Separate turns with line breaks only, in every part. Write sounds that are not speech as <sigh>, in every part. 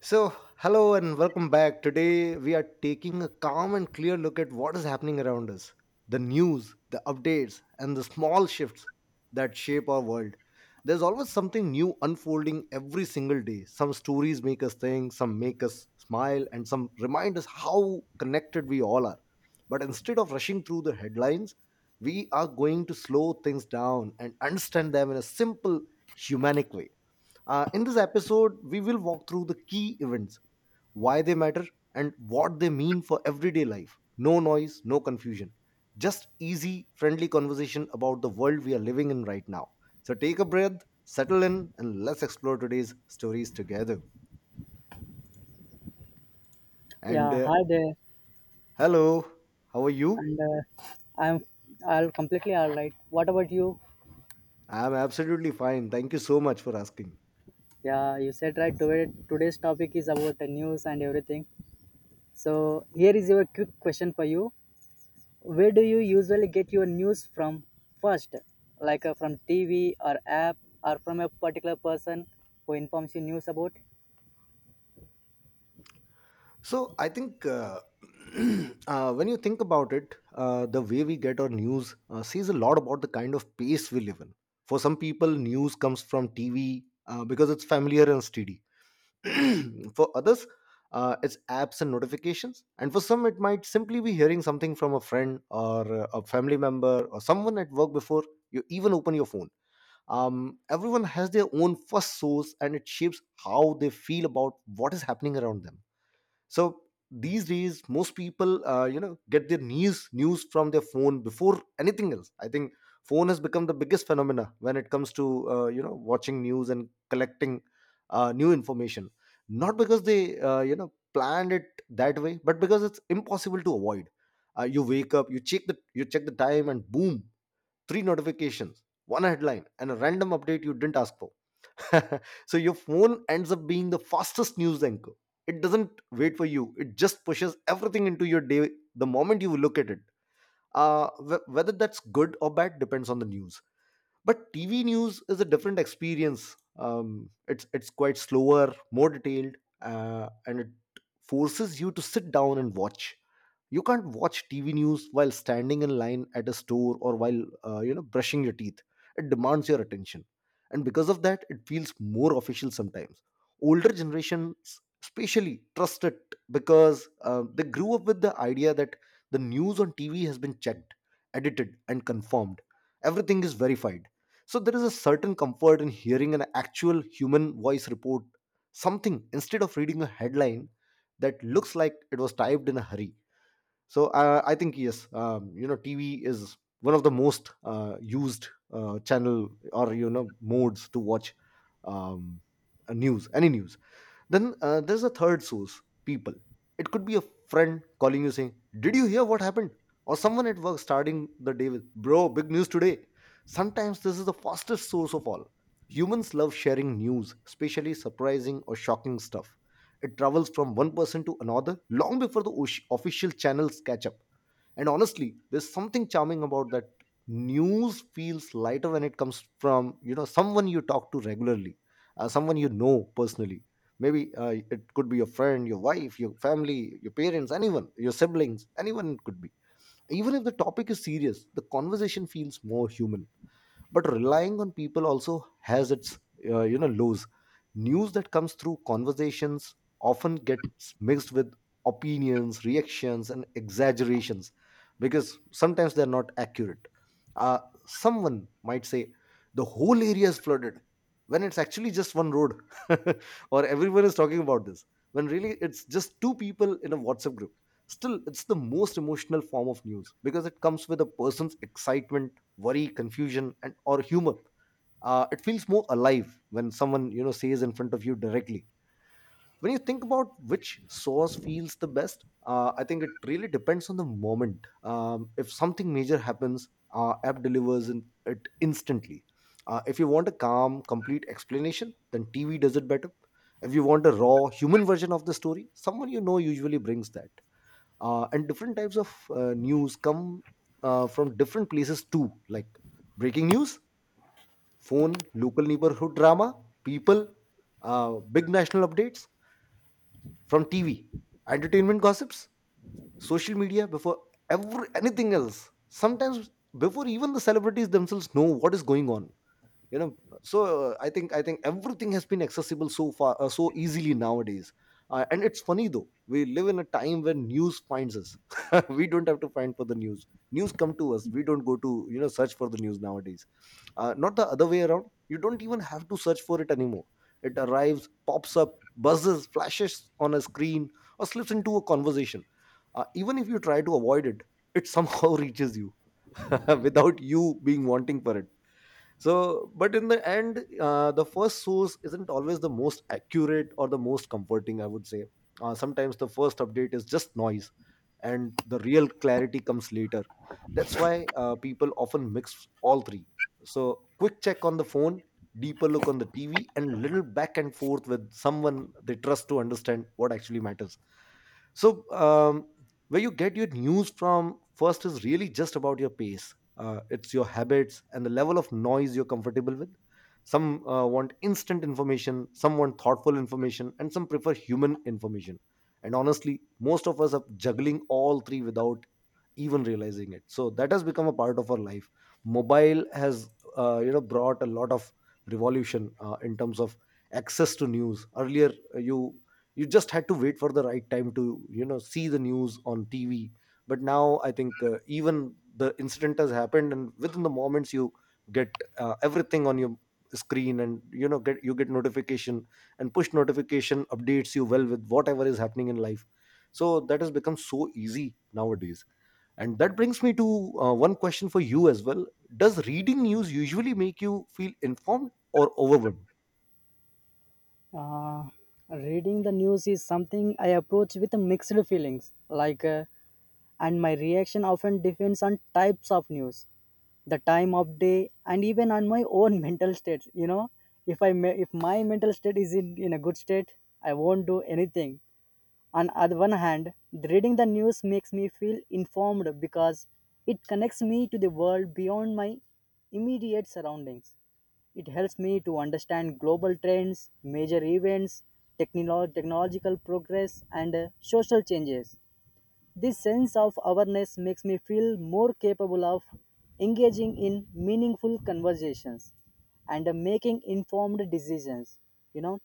So, hello and welcome back. Today, we are taking a calm and clear look at what is happening around us, the news, the updates, and the small shifts that shape our world. There's always something new unfolding every single day. Some stories make us think, some make us smile, and some remind us how connected we all are. But instead of rushing through the headlines, we are going to slow things down and understand them in a simple, humanic way. In this episode, we will walk through the key events, why they matter, and what they mean for everyday life. No noise, no confusion. Just easy, friendly conversation about the world we are living in right now. So take a breath, settle in, and let's explore today's stories together. And
Yeah, hi there.
Hello, how are you?
And I'm I'll completely all right. What about you?
I'm absolutely fine. Thank you so much for asking.
Yeah, you said right. Today's topic is about the news and everything. So here is your quick question for you. Where do you usually get your news from first? Like from TV or app or from a particular person who informs you news about?
So I think <clears throat> when you think about it, the way we get our news says a lot about the kind of pace we live in. For some people, news comes from TV, because it's familiar and steady. <clears throat> For others, it's apps and notifications. And for some, it might simply be hearing something from a friend, or a family member, or someone at work before you even open your phone. Everyone has their own first source, and it shapes how they feel about what is happening around them. So these days, most people, get their news from their phone before anything else, I think. Phone has become the biggest phenomena when it comes to, watching news and collecting new information. Not because they, planned it that way, but because it's impossible to avoid. You wake up, you check the time, and boom, three notifications, one headline, and a random update you didn't ask for. <laughs> So your phone ends up being the fastest news anchor. It doesn't wait for you. It just pushes everything into your day the moment you look at it. Whether that's good or bad depends on the news. But TV news is a different experience. It's quite slower, more detailed, and it forces you to sit down and watch. You can't watch TV news while standing in line at a store, or while, brushing your teeth. It demands your attention, and because of that, it feels more official sometimes. Older generations especially trust it, because they grew up with the idea that the news on TV has been checked, edited, and confirmed. Everything is verified. So there is a certain comfort in hearing an actual human voice report something, instead of reading a headline that looks like it was typed in a hurry. So I think, yes, TV is one of the most, used channel, or modes to watch um, a news, any news. Then there's a third source, people. It could be a friend calling you saying, "Did you hear what happened?" Or someone at work starting the day with, "Bro, big news today." Sometimes this is the fastest source of all. Humans love sharing news, especially surprising or shocking stuff. It travels from one person to another long before the official channels catch up. And honestly, there's something charming about that. News feels lighter when it comes from, someone you talk to regularly, someone you know personally. Maybe it could be your friend, your wife, your family, your parents, anyone, your siblings, anyone, it could be. Even if the topic is serious, the conversation feels more human. But relying on people also has its lows. News that comes through conversations often gets mixed with opinions, reactions, and exaggerations, because sometimes they're not accurate. uh, Someone might say, "The whole area is flooded," when it's actually just one road. <laughs> Or, "Everyone is talking about this," when really it's just two people in a WhatsApp group. Still, it's the most emotional form of news, because it comes with a person's excitement, worry, confusion, and or humor. It feels more alive when someone you know says in front of you directly. When you think about which source feels the best, I think it really depends on the moment. If something major happens, app delivers in, it instantly. If you want a calm, complete explanation, then TV does it better. If you want a raw human version of the story, someone you know usually brings that. And different types of news come from different places too, like breaking news, phone, local neighborhood drama, people, uh, big national updates from TV, entertainment gossips, social media before ever anything else, sometimes before even the celebrities themselves know what is going on, you know so I think everything has been accessible so far, so easily nowadays. And it's funny, though, we live in a time when news finds us. <laughs> We don't have to find for the news, news come to us, we don't go to, search for the news nowadays. Not the other way around. You don't even have to search for it anymore, it arrives, pops up, buzzes, flashes on a screen, or slips into a conversation. Even if you try to avoid it, it somehow <laughs> reaches you. <laughs> Without you being wanting for it. So, but in the end, the first source isn't always the most accurate or the most comforting, I would say. Sometimes the first update is just noise, and the real clarity comes later. That's why people often mix all three. So, quick check on the phone, deeper look on the TV, and little back and forth with someone they trust to understand what actually matters. So where you get your news from first is really just about your pace. It's your habits and the level of noise you're comfortable with. Some want instant information, some want thoughtful information, and some prefer human information. And honestly, most of us are juggling all three without even realizing it. So that has become a part of our life. Mobile has, brought a lot of revolution in terms of access to news. Earlier, you just had to wait for the right time to, see the news on TV. But now I think, even the incident has happened, and within the moments you get everything on your screen, and get you get notification, and push notification updates you well with whatever is happening in life. So that has become so easy nowadays. And that brings me to one question for you as well. Does reading news usually make you feel informed or overwhelmed?
Uh, reading the news is something I approach with a mixed feelings. And my reaction often depends on types of news, the time of day, and even on my own <laughs> mental state, you know. If I may, If my mental state is in a good state, I won't do anything. On other one hand, reading the news makes me feel informed because it connects me to the world beyond my immediate surroundings. It helps me to understand global trends, major events, technological progress, and social changes. This sense of awareness makes me feel more capable of engaging in meaningful conversations and making informed decisions. You know,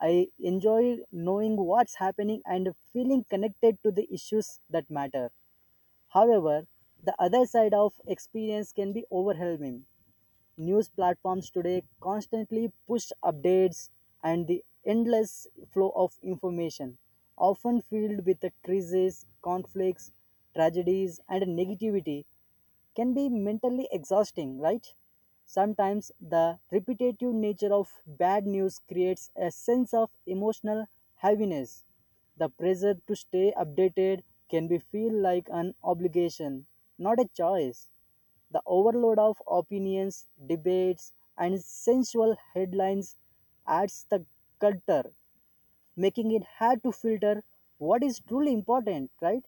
I enjoy knowing what's happening and feeling connected to the issues that matter. However, the other side of experience can be overwhelming. News platforms today constantly push updates, and the endless flow of information, often filled with the crises, conflicts, tragedies, and negativity, can be mentally exhausting, right? Sometimes the repetitive nature of bad news creates a sense of emotional heaviness. The pressure to stay updated can be feel like an obligation, not a choice. The overload of opinions, debates, and sensual headlines adds the culture, making it hard to filter what is truly important, right?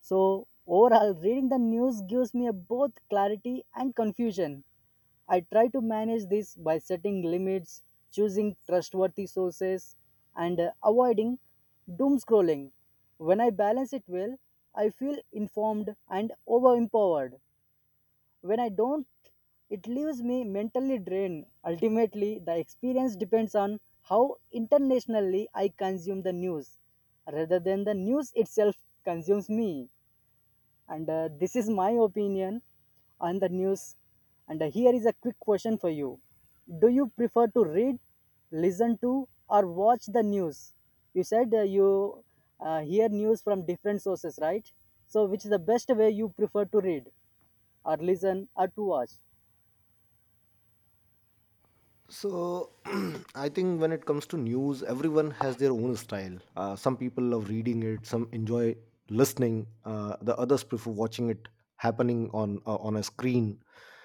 So, overall, reading the news gives me a both clarity and confusion. I try to manage this by setting limits, choosing trustworthy sources, and avoiding doom scrolling. When I balance it well, I feel informed and overempowered. When I don't, it leaves me mentally drained. Ultimately, the experience depends on how internationally I consume the news rather than the news itself consumes me. And This is my opinion on the news. And Here is a quick question for you. Do you prefer to read, listen to, or watch the news? You said you hear news from different sources, right? So, which is the best way you prefer to read, or listen, or to watch?
So, <clears throat> I think when it comes to news, everyone has their own style. Some people love reading it, some enjoy listening, the others prefer watching it happening on, on a screen.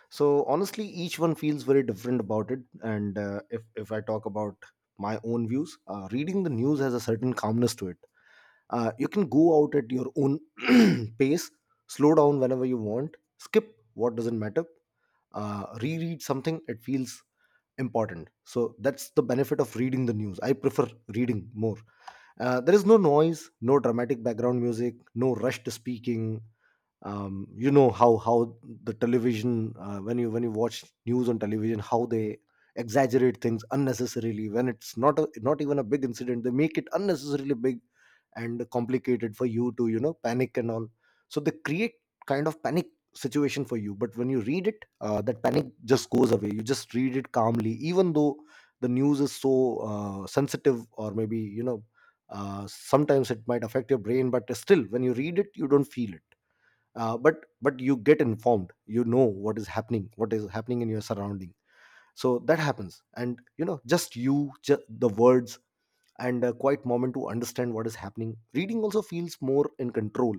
So, honestly, each one feels very different about it. And if I talk about my own views, reading the news has a certain calmness to it. You can go out at your own <clears throat> pace, slow down whenever you want, skip what doesn't matter, reread something. It feels important. So that's the benefit of reading the news. I prefer reading more. There is no noise, no dramatic background music, no rushed speaking. How the television, when you watch news on television, how they exaggerate things unnecessarily when it's not even a big incident, they make it unnecessarily big and complicated for you to, panic and all. So they create kind of panic situation for you. But when you read it, that panic just goes away. You just read it calmly, even though the news is so sensitive, or maybe sometimes it might affect your brain. But still, when you read it, you don't feel it. But you get informed. You know what is happening, what is happening in your surrounding. So that happens. And just the words and a quiet moment to understand what is happening. Reading also feels more in control.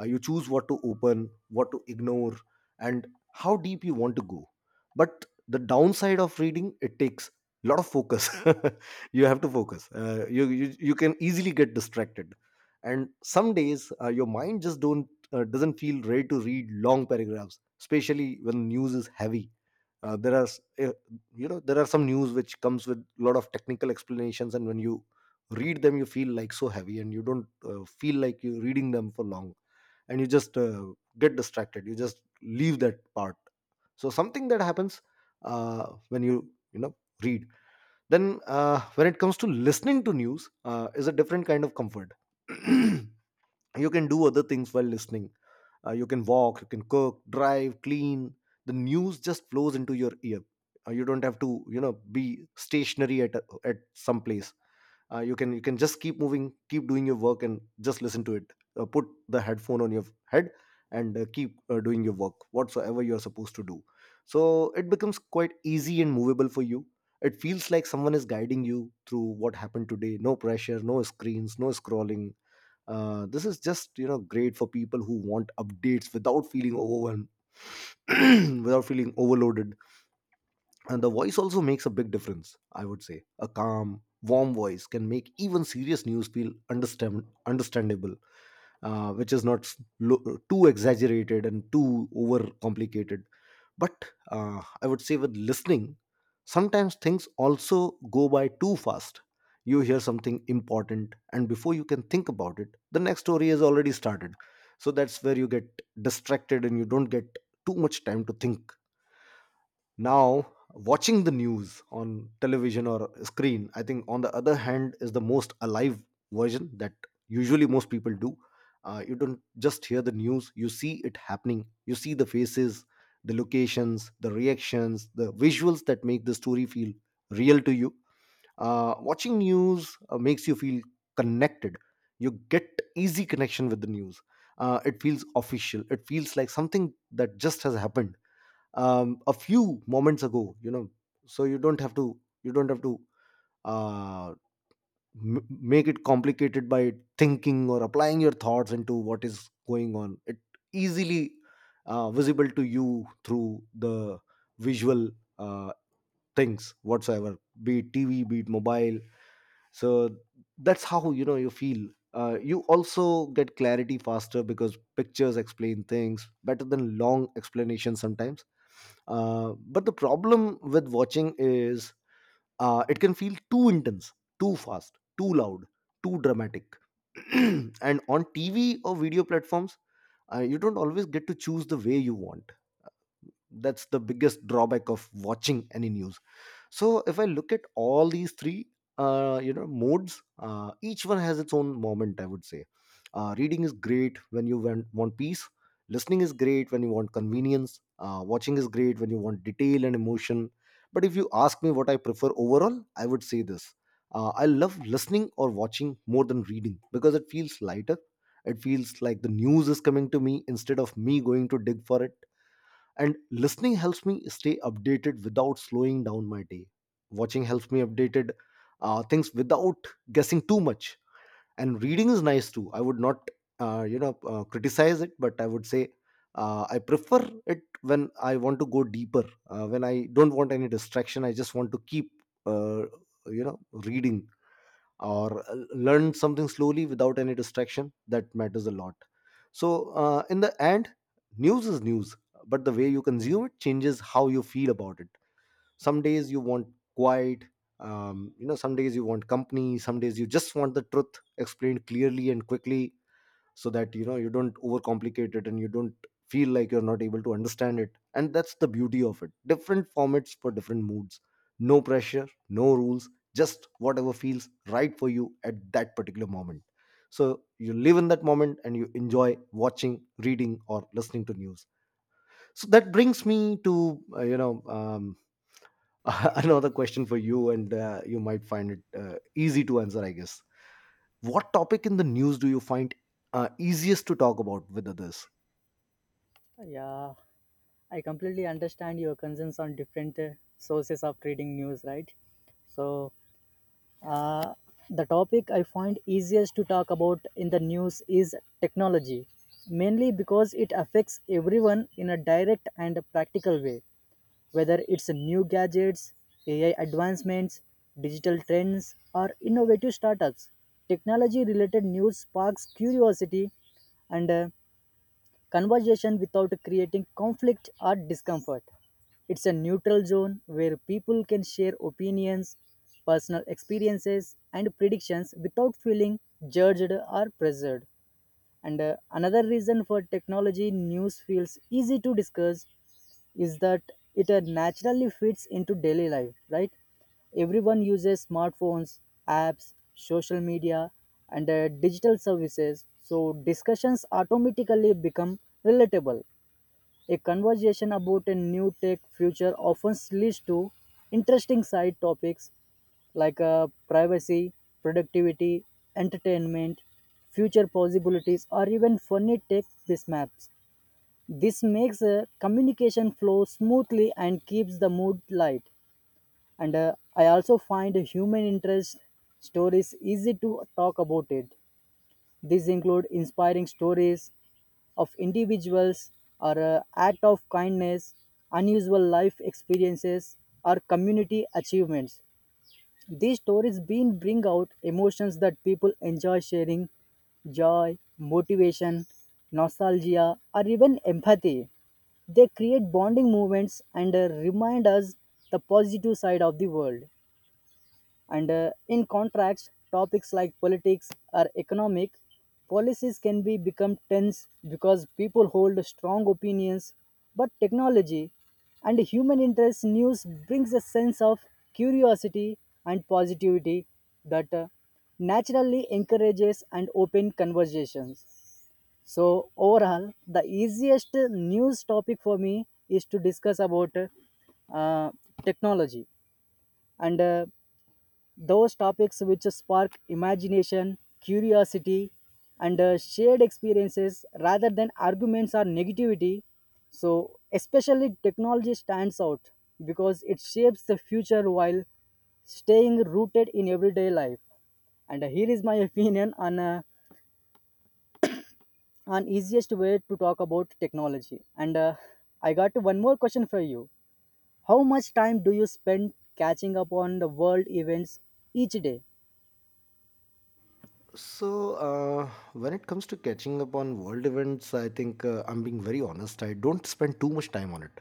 You choose what to open, what to ignore, and how deep you want to go. But the downside of reading, it takes a lot of focus. <laughs> You have to focus. You can easily get distracted, and some days your mind just don't doesn't feel ready to read long paragraphs, especially when news is heavy. There are you know, there are some news which comes with a lot of technical explanations, and when you read them you feel like so heavy, and you don't feel like you reading them for long, and you just get distracted, you just leave that part. So something that happens when you know read. Then when it comes to listening to news, is a different kind of comfort. <clears throat> You can do other things while listening. You can walk, you can cook, drive, clean. The news just flows into your ear. You don't have to you know be stationary at at some place. You can just keep moving, keep doing your work and just listen to it. Put the headphone on your head, and keep doing your work whatsoever you're supposed to do. So it becomes quite easy and movable for you. It feels like someone is guiding you through what happened today. No pressure, no screens, no scrolling. This is just great for people who want updates without feeling overwhelmed, <clears throat> without feeling overloaded. And the voice also makes a big difference. I would say a calm, warm voice can make even serious news feel understandable. Which is not too exaggerated and too overcomplicated. But I would say with listening, sometimes things also go by too fast. You hear something important, and before you can think about it, the next story has already started. So that's where you get distracted and you don't get too much time to think. Now, watching the news on television or screen, I think on the other hand, is the most alive version that usually most people do. You don't just hear the news, you see it happening. You see the faces, the locations, the reactions, the visuals that make the story feel real to you. Watching news makes you feel connected. You get easy connection with the news. It feels official, it feels like something that just has happened a few moments ago, you know. So you don't have to uh, make it complicated by thinking or applying your thoughts into what is going on. It easily visible to you through the visual uh, things whatsoever, be it TV, be it mobile. So that's how, you know, you feel. You also get clarity faster because pictures explain things better than long explanations sometimes. But the problem with watching is it can feel too intense, too fast, too loud, too dramatic. <clears throat> And on TV or video platforms, you don't always get to choose the way you want. That's the biggest drawback of watching any news. So if I look at all these three you know modes, each one has its own moment, I would say. Reading is great when you want peace, listening is great when you want convenience, watching is great when you want detail and emotion. But if you ask me what I prefer overall, I would say this: I love listening or watching more than reading because it feels lighter. It feels like the news is coming to me instead of me going to dig for it. And listening helps me stay updated without slowing down my day. Watching helps me updated things without guessing too much. And reading is nice too. I would not criticize it, but I would say I prefer it when I want to go deeper, when I don't want any distraction, I just want to keep uh, you know reading or learn something slowly without any distraction. That matters a lot. So, in the end, news is news, but the way you consume it changes how you feel about it. Some days you want quiet, you know, some days you want company, some days you just want the truth explained clearly and quickly, so that you know you don't overcomplicate it and you don't feel like you're not able to understand it. And that's the beauty of it: different formats for different moods. No pressure, no rules, just whatever feels right for you at that particular moment. So you live in that moment and you enjoy watching, reading, or listening to news. So that brings me to <laughs> another question for you, and you might find it easy to answer, I guess. What topic in the news do you find easiest to talk about with others?
Yeah, I completely understand your concerns on different sources of reading news, right? So, uh, the topic I find easiest to talk about in the news is technology, mainly because it affects everyone in a direct and practical way, whether it's new gadgets, AI advancements, digital trends, or innovative startups. Technology related news sparks curiosity and conversation without creating conflict or discomfort. It's a neutral zone where people can share opinions, personal experiences, and predictions without feeling judged or pressured. And another reason for technology news feels easy to discuss is that it naturally fits into daily life, right? Everyone uses smartphones, apps, social media, and digital services, so discussions automatically become relatable. A conversation about a new tech future often leads to interesting side topics like privacy, productivity, entertainment, future possibilities, or even funny tech mishaps. This makes communication flow smoothly and keeps the mood light. And I also find human interest stories easy to talk about it. These include inspiring stories of individuals, or act of kindness, unusual life experiences, or community achievements. These stories being bring out emotions that people enjoy sharing, joy, motivation, nostalgia, or even empathy. They create bonding moments and remind us the positive side of the world. And in contrast, topics like politics or economic policies can be become tense because people hold strong opinions, but technology and human interest news brings a sense of curiosity and positivity that naturally encourages and open conversations. So overall, the easiest news topic for me is to discuss about uh, technology and those topics which spark imagination, curiosity, and shared experiences rather than arguments or negativity. So, especially technology stands out because it shapes the future while staying rooted in everyday life. And here is my <laughs> opinion on easiest way to talk about technology. And I got one more question for you. How much time do you spend catching up on the world events each day?
So when it comes to catching up on world events, I think I'm being very honest, I don't spend too much time on it.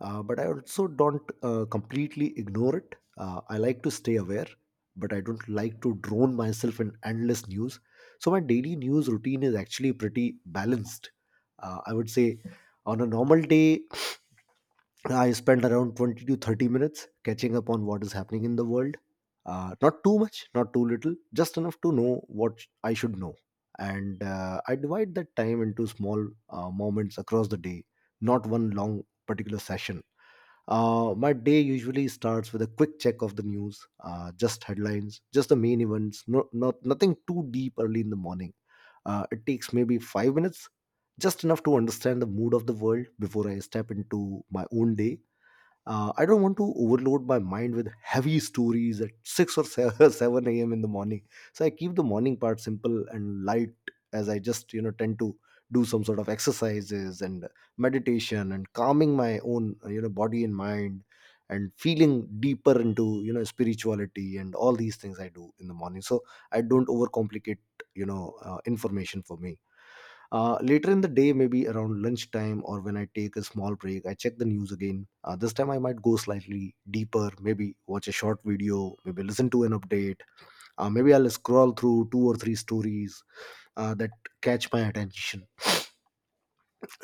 But I also don't completely ignore it. I like to stay aware, but I don't like to drone myself in endless news. So my daily news routine is actually pretty balanced. I would say on a normal day, <sniffs> I spent around 20 to 30 minutes catching up on what is happening in the world. Not too much, not too little, just enough to know what I should know. And I divide that time into small moments across the day, not one long particular session. My day usually starts with a quick check of the news, just headlines, just the main events, nothing too deep early in the morning. It takes maybe 5 minutes, just enough to understand the mood of the world before I step into my own day. I don't want to overload my mind with heavy stories at 6 or 7 <laughs> 7 a.m. in the morning. So I keep the morning part simple and light, as I just, you know, tend to do some sort of exercises and meditation and calming my own, you know, body and mind, and feeling deeper into, you know, spirituality and all these things I do in the morning. So I don't overcomplicate, you know, information for me. Later in the day, maybe around lunchtime or when I take a small break, I check the news again. This time I might go slightly deeper, maybe watch a short video, maybe listen to an update. Maybe I'll scroll through two or three stories that catch my attention.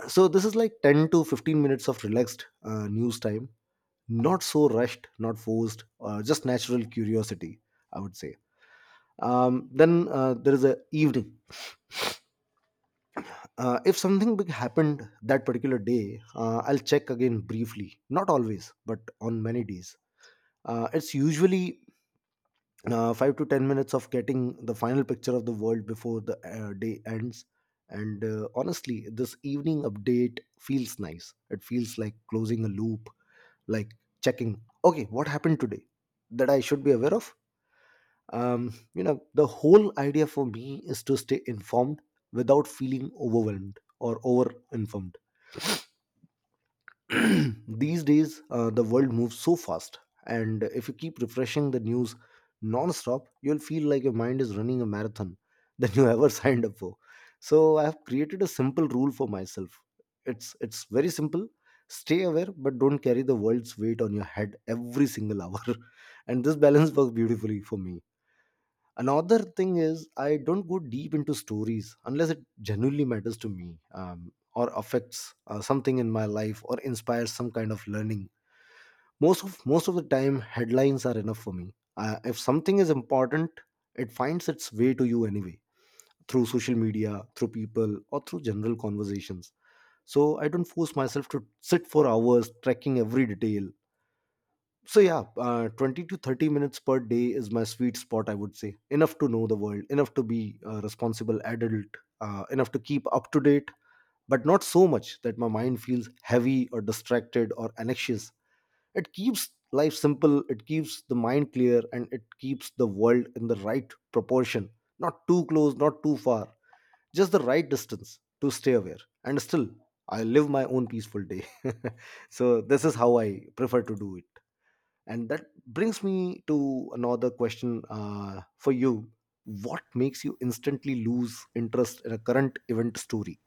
So this is like 10 to 15 minutes of relaxed news time. Not so rushed, not forced, just natural curiosity, I would say. Then there is a evening. If something big happened that particular day, I'll check again briefly. Not always, but on many days. It's usually 5 to 10 minutes of getting the final picture of the world before the day ends. And honestly, this evening update feels nice. It feels like closing a loop, like checking, okay, what happened today that I should be aware of? You know, the whole idea for me is to stay informed without feeling overwhelmed or over informed. <clears throat> These days, the world moves so fast, and if you keep refreshing the news non-stop, you'll feel like your mind is running a marathon <laughs> that you ever <laughs> signed up for. So I have created a simple rule for myself. It's very simple. Stay aware, but don't carry the world's weight on your head every single hour. <laughs> And this balance works beautifully for me. Another thing is, I don't go deep into stories unless it genuinely matters to me, or affects something in my life or inspires some kind of learning. Most of the time, headlines are enough for me. If something is important, it finds its way to you anyway through social media, through people, or through general conversations. So I don't force myself to sit for hours tracking every detail. So yeah, 20 to 30 minutes per day is my sweet spot, I would say. Enough to know the world, enough to be a responsible adult, enough to keep up to date, but not so much that my mind feels heavy or distracted or anxious. It keeps life simple, it keeps the mind clear, and it keeps the world in the right proportion. Not too close, not too far, just the right distance to stay aware. And still, I live my own peaceful day. <laughs> So this is how I prefer to do it, and that brings me to another question for you. What makes you instantly lose interest in a current event story?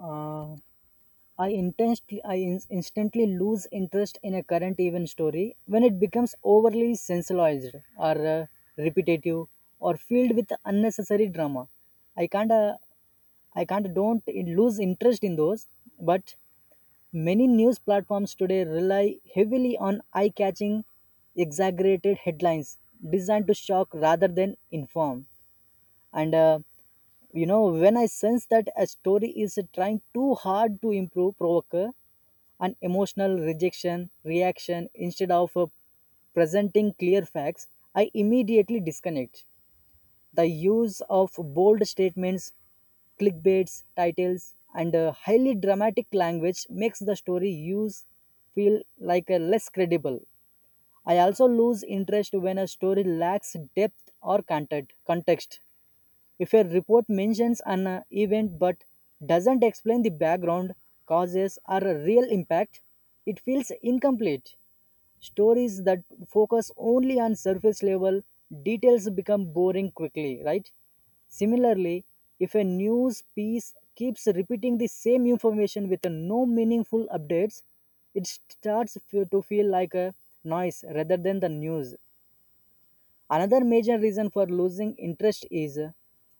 Uh, I, intensely, I in- instantly lose interest in a current event story when it becomes overly sensationalized or repetitive or filled with unnecessary drama. I can't, uh, I can't don't lose interest in those, but many news platforms today rely heavily on eye-catching, exaggerated headlines designed to shock rather than inform. And you know, when I sense that a story is trying too hard to improve provoke an emotional rejection reaction instead of presenting clear facts, I immediately disconnect. The use of bold statements, clickbaits titles, and highly dramatic language makes the story use feel like a less credible. I also lose interest when a story lacks depth or content context. If a report mentions an event but doesn't explain the background, causes, or a real impact, it feels incomplete. Stories that focus only on surface level details become boring quickly, right? Similarly, if a news piece keeps repeating the same information with no meaningful updates, it starts to feel like a noise rather than the news. Another major reason for losing interest is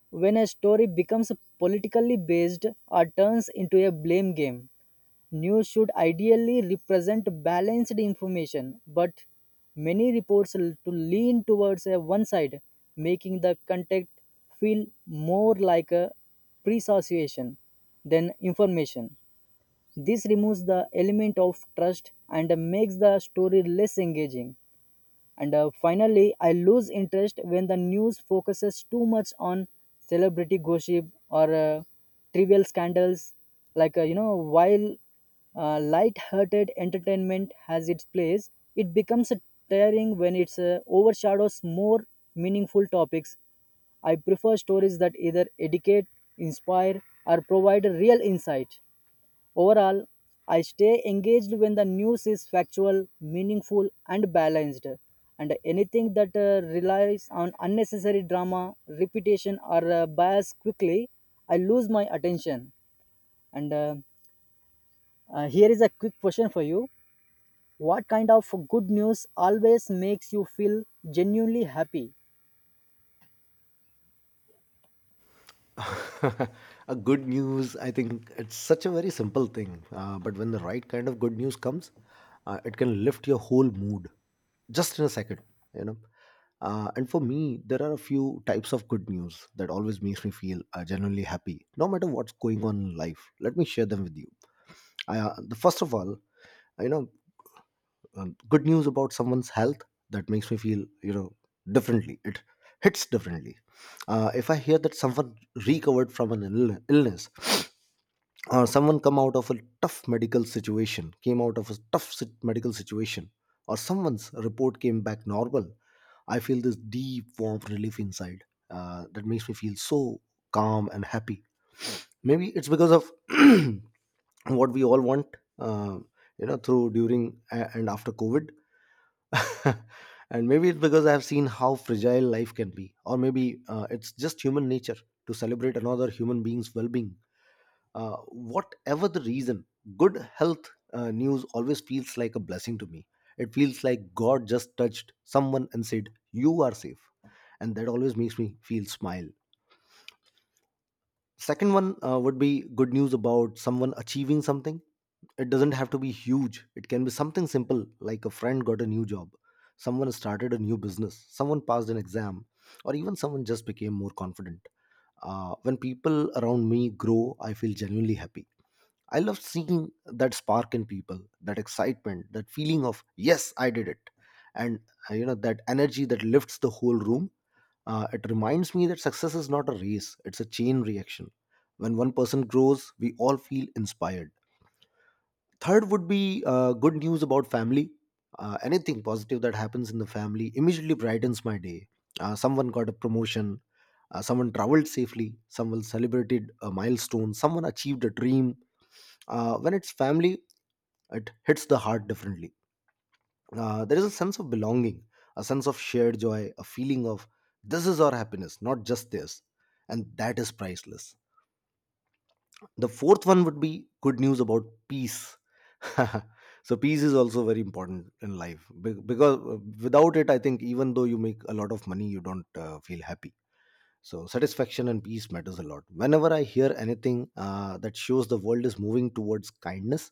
when a story becomes politically based or turns into a blame game. News should ideally represent balanced information, but many reports to lean towards a one side, making the content feel more like a presociation than information. This removes the element of trust and makes the story less engaging. And finally, I lose interest when the news focuses too much on celebrity gossip or trivial scandals. Like, you know, while light-hearted entertainment has its place, it becomes tiring when it overshadows more meaningful topics. I prefer stories that either educate, inspire, or provide a real insight. Overall, I stay engaged when the news is factual, meaningful, and balanced. And anything that relies on unnecessary drama, repetition, or bias quickly, I lose my attention. And here is a quick question for you. What kind of good news always makes you feel genuinely happy?
<laughs> A good news, I think it's such a very simple thing, but when the right kind of good news comes, it can lift your whole mood just in a second, you know. And for me, there are a few types of good news that always makes me feel genuinely happy no matter what's going on in life. Let me share them with you. The first of all, you know, good news about someone's health, that makes me feel, you know, differently it hits differently. If I hear that someone recovered from an illness, <sniffs> or someone come out of a tough medical situation came out of a tough medical situation, or someone's report came back normal, I feel this deep, warm relief inside. That makes me feel so calm and happy. <sniffs> Maybe it's because of <clears throat> what we all want, uh, you know, through during and after COVID. <laughs> And maybe it's because I've seen how fragile life can be, or maybe it's just human nature to celebrate another human being's well being. Whatever the reason, good health news always feels like a blessing to me. It feels like God just touched someone and said, You are safe. And that always makes me feel smile. Second one would be good news about someone achieving something. It doesn't have to be huge, it can be something simple, like a friend got a new job, someone started a new business, someone passed an exam, or even someone just became more confident. When people around me grow, I feel genuinely happy. I love seeing that spark in people, that excitement, that feeling of, yes, I did it. And you know, that energy that lifts the whole room, it reminds me that success is not a race, it's a chain reaction. When one person grows, we all feel inspired. Third would be good news about family. Anything positive that happens in the family immediately brightens my day. Someone got a promotion, someone traveled safely, someone celebrated a milestone, someone achieved a dream. When it's family, it hits the heart differently. There is a sense of belonging, a sense of shared joy, a feeling of, this is our happiness, not just this. And that is priceless. The fourth one would be good news about peace. <laughs> So peace is also very important in life, because without it, I think even though you make a lot of money, you don't feel happy. So satisfaction and peace matters a lot. Whenever I hear anything that shows the world is moving towards kindness,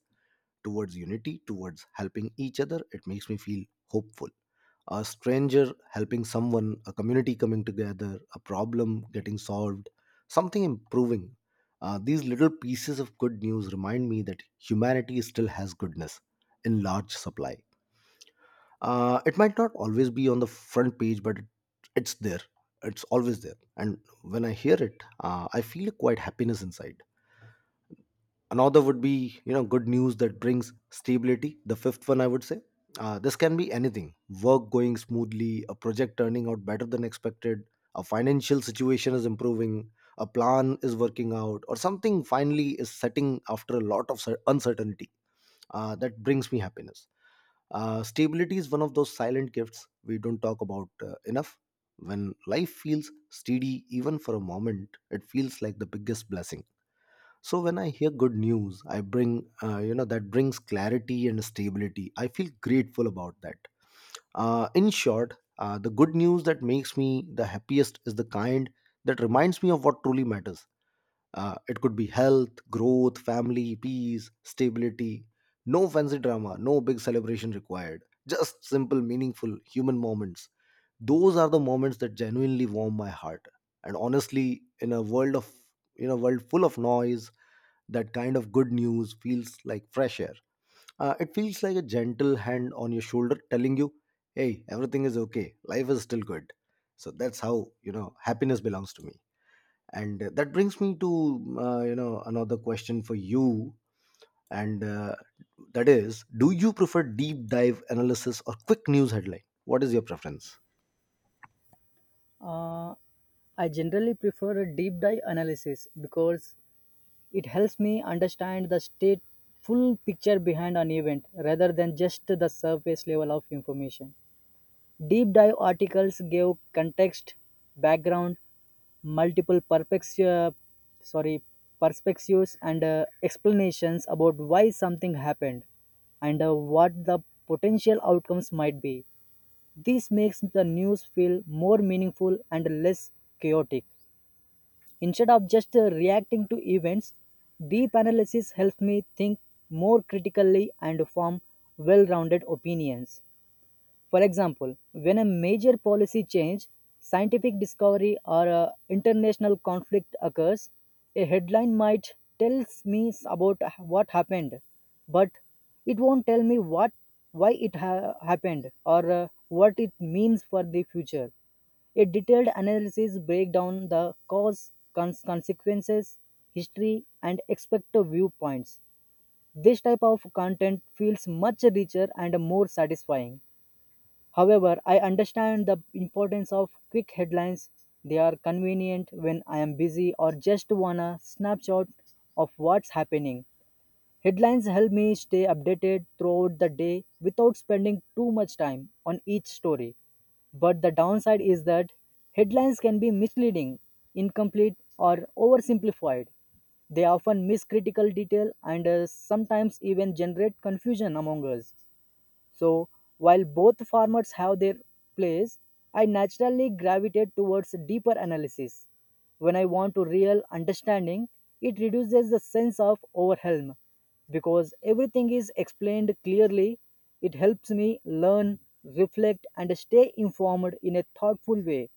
towards unity, towards helping each other, it makes me feel hopeful. A stranger helping someone, a community coming together, a problem getting solved, something improving. These little pieces of good news remind me that humanity still has goodness in large supply. It might not always be on the front page, but it's there. It's always there. And when I hear it, I feel quite happiness inside. Another would be, you know, good news that brings stability, the fifth one I would say. Uh, this can be anything: work going smoothly, a project turning out better than expected, a financial situation is improving, a plan is working out, or something finally is setting after a lot of uncertainty. Uh, that brings me happiness. Uh, stability is one of those silent gifts we don't talk about enough. When life feels steady even for a moment, it feels like the biggest blessing. So when I hear good news, I bring, you know, that brings clarity and stability, I feel grateful about that. In short, the good news that makes me the happiest is the kind that reminds me of what truly matters. It could be health, growth, family, peace, stability. No fancy drama, no big celebration required. Just simple, meaningful human moments. Those are the moments that genuinely warm my heart. And honestly, in a world full of noise, that kind of good news feels like fresh air. It feels like a gentle hand on your shoulder telling you, hey, everything is okay. Life is still good. So that's how, you know, happiness belongs to me. And that brings me to, you know, another question for you. And that is, do you prefer deep dive analysis or quick news headline? What is your preference?
Uh, I generally prefer a deep dive analysis because it helps me understand the state full picture behind an event rather than just the surface level of information. Deep dive articles give context, background, multiple sorry, perspectives, and explanations about why something happened and what the potential outcomes might be. This makes the news feel more meaningful and less chaotic. Instead of just reacting to events, deep analysis helps me think more critically and form well rounded opinions. For example, when a major policy change, scientific discovery, or a international conflict occurs, a headline might tells me about what happened, but it won't tell me what why it happened or what it means for the future. A detailed analysis breaks down the cause, consequences, history, and expected viewpoints. This type of content feels much richer and more satisfying. However, I understand the importance of quick headlines. They are convenient when I am busy or just want a snapshot of what's happening. Headlines help me stay updated throughout the day without spending too much time on each story. But the downside is that headlines can be misleading, incomplete, or oversimplified. They often miss critical detail and sometimes even generate confusion among us. So, while both formats have their place, I naturally gravitate towards deeper analysis. When I want to real understanding, it reduces the sense of overwhelm because everything is explained clearly. It helps me learn, reflect, and stay informed in a thoughtful way.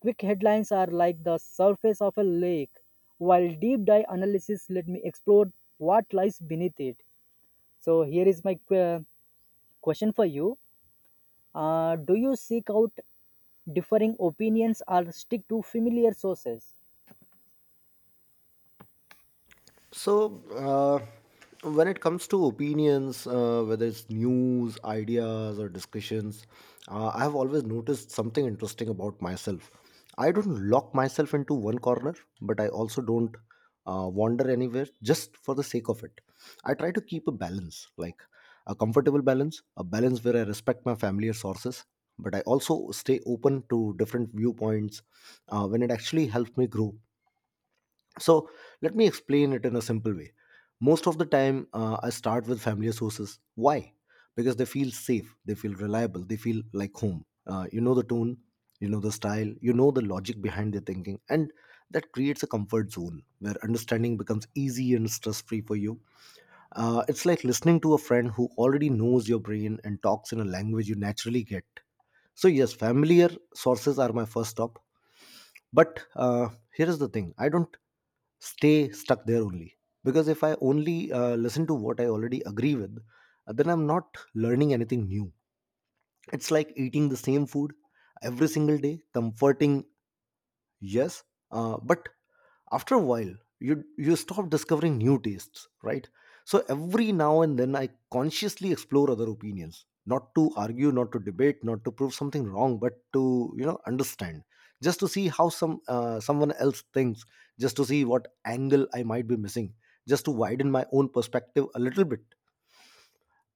Quick headlines are like the surface of a lake, while deep dive analysis let me explore what lies beneath it. So, here is my question for you. Do you seek out differing opinions or stick to familiar sources?
So, when it comes to opinions, whether it's news, ideas, or discussions, I have always noticed something interesting about myself. I don't lock myself into one corner, but I also don't wander anywhere just for the sake of it. I try to keep a balance, like a comfortable balance, a balance where I respect my family or sources, but I also stay open to different viewpoints when it actually helps me grow. So let me explain it in a simple way. Most of the time, I start with familiar sources. Why? Because they feel safe, they feel reliable, they feel like home. You know the tone, you know the style, you know the logic behind their thinking, and that creates a comfort zone where understanding becomes easy and stress free for you. It's like listening to a friend who already knows your brain and talks in a language you naturally get. So, yes, familiar sources are my first stop. But here is the thing, I don't stay stuck there only, because if I only listen to what I already agree with, then I'm not learning anything new. It's like eating the same food every single day. Comforting, yes, but after a while, you stop discovering new tastes, right? So every now and then, I consciously explore other opinions, not to argue, not to debate, not to prove something wrong, but to, you know, understand, just to see how someone else thinks, just to see what angle I might be missing, just to widen my own perspective a little bit.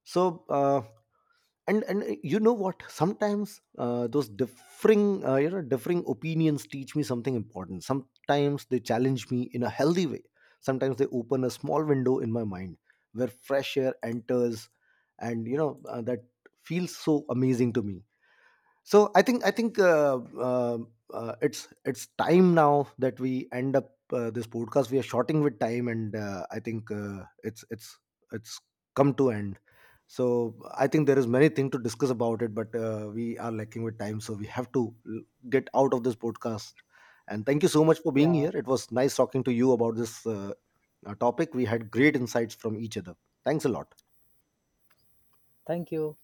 So uh, and you know what, sometimes those differing, you know, differing opinions teach me something important. Sometimes they challenge me in a healthy way, sometimes they open a small window in my mind where fresh air enters, and, you know, that feels so amazing to me. So I think uh, it's time now that we end up this podcast. We are shorting with time, and I think it's come to end. So I think there is many thing to discuss about it, but we are lacking with time, so we have to get out of this podcast. And thank you so much for being
Yeah,
here. It was nice talking to you about this topic. We had great insights from each other. Thanks a lot.
thank you.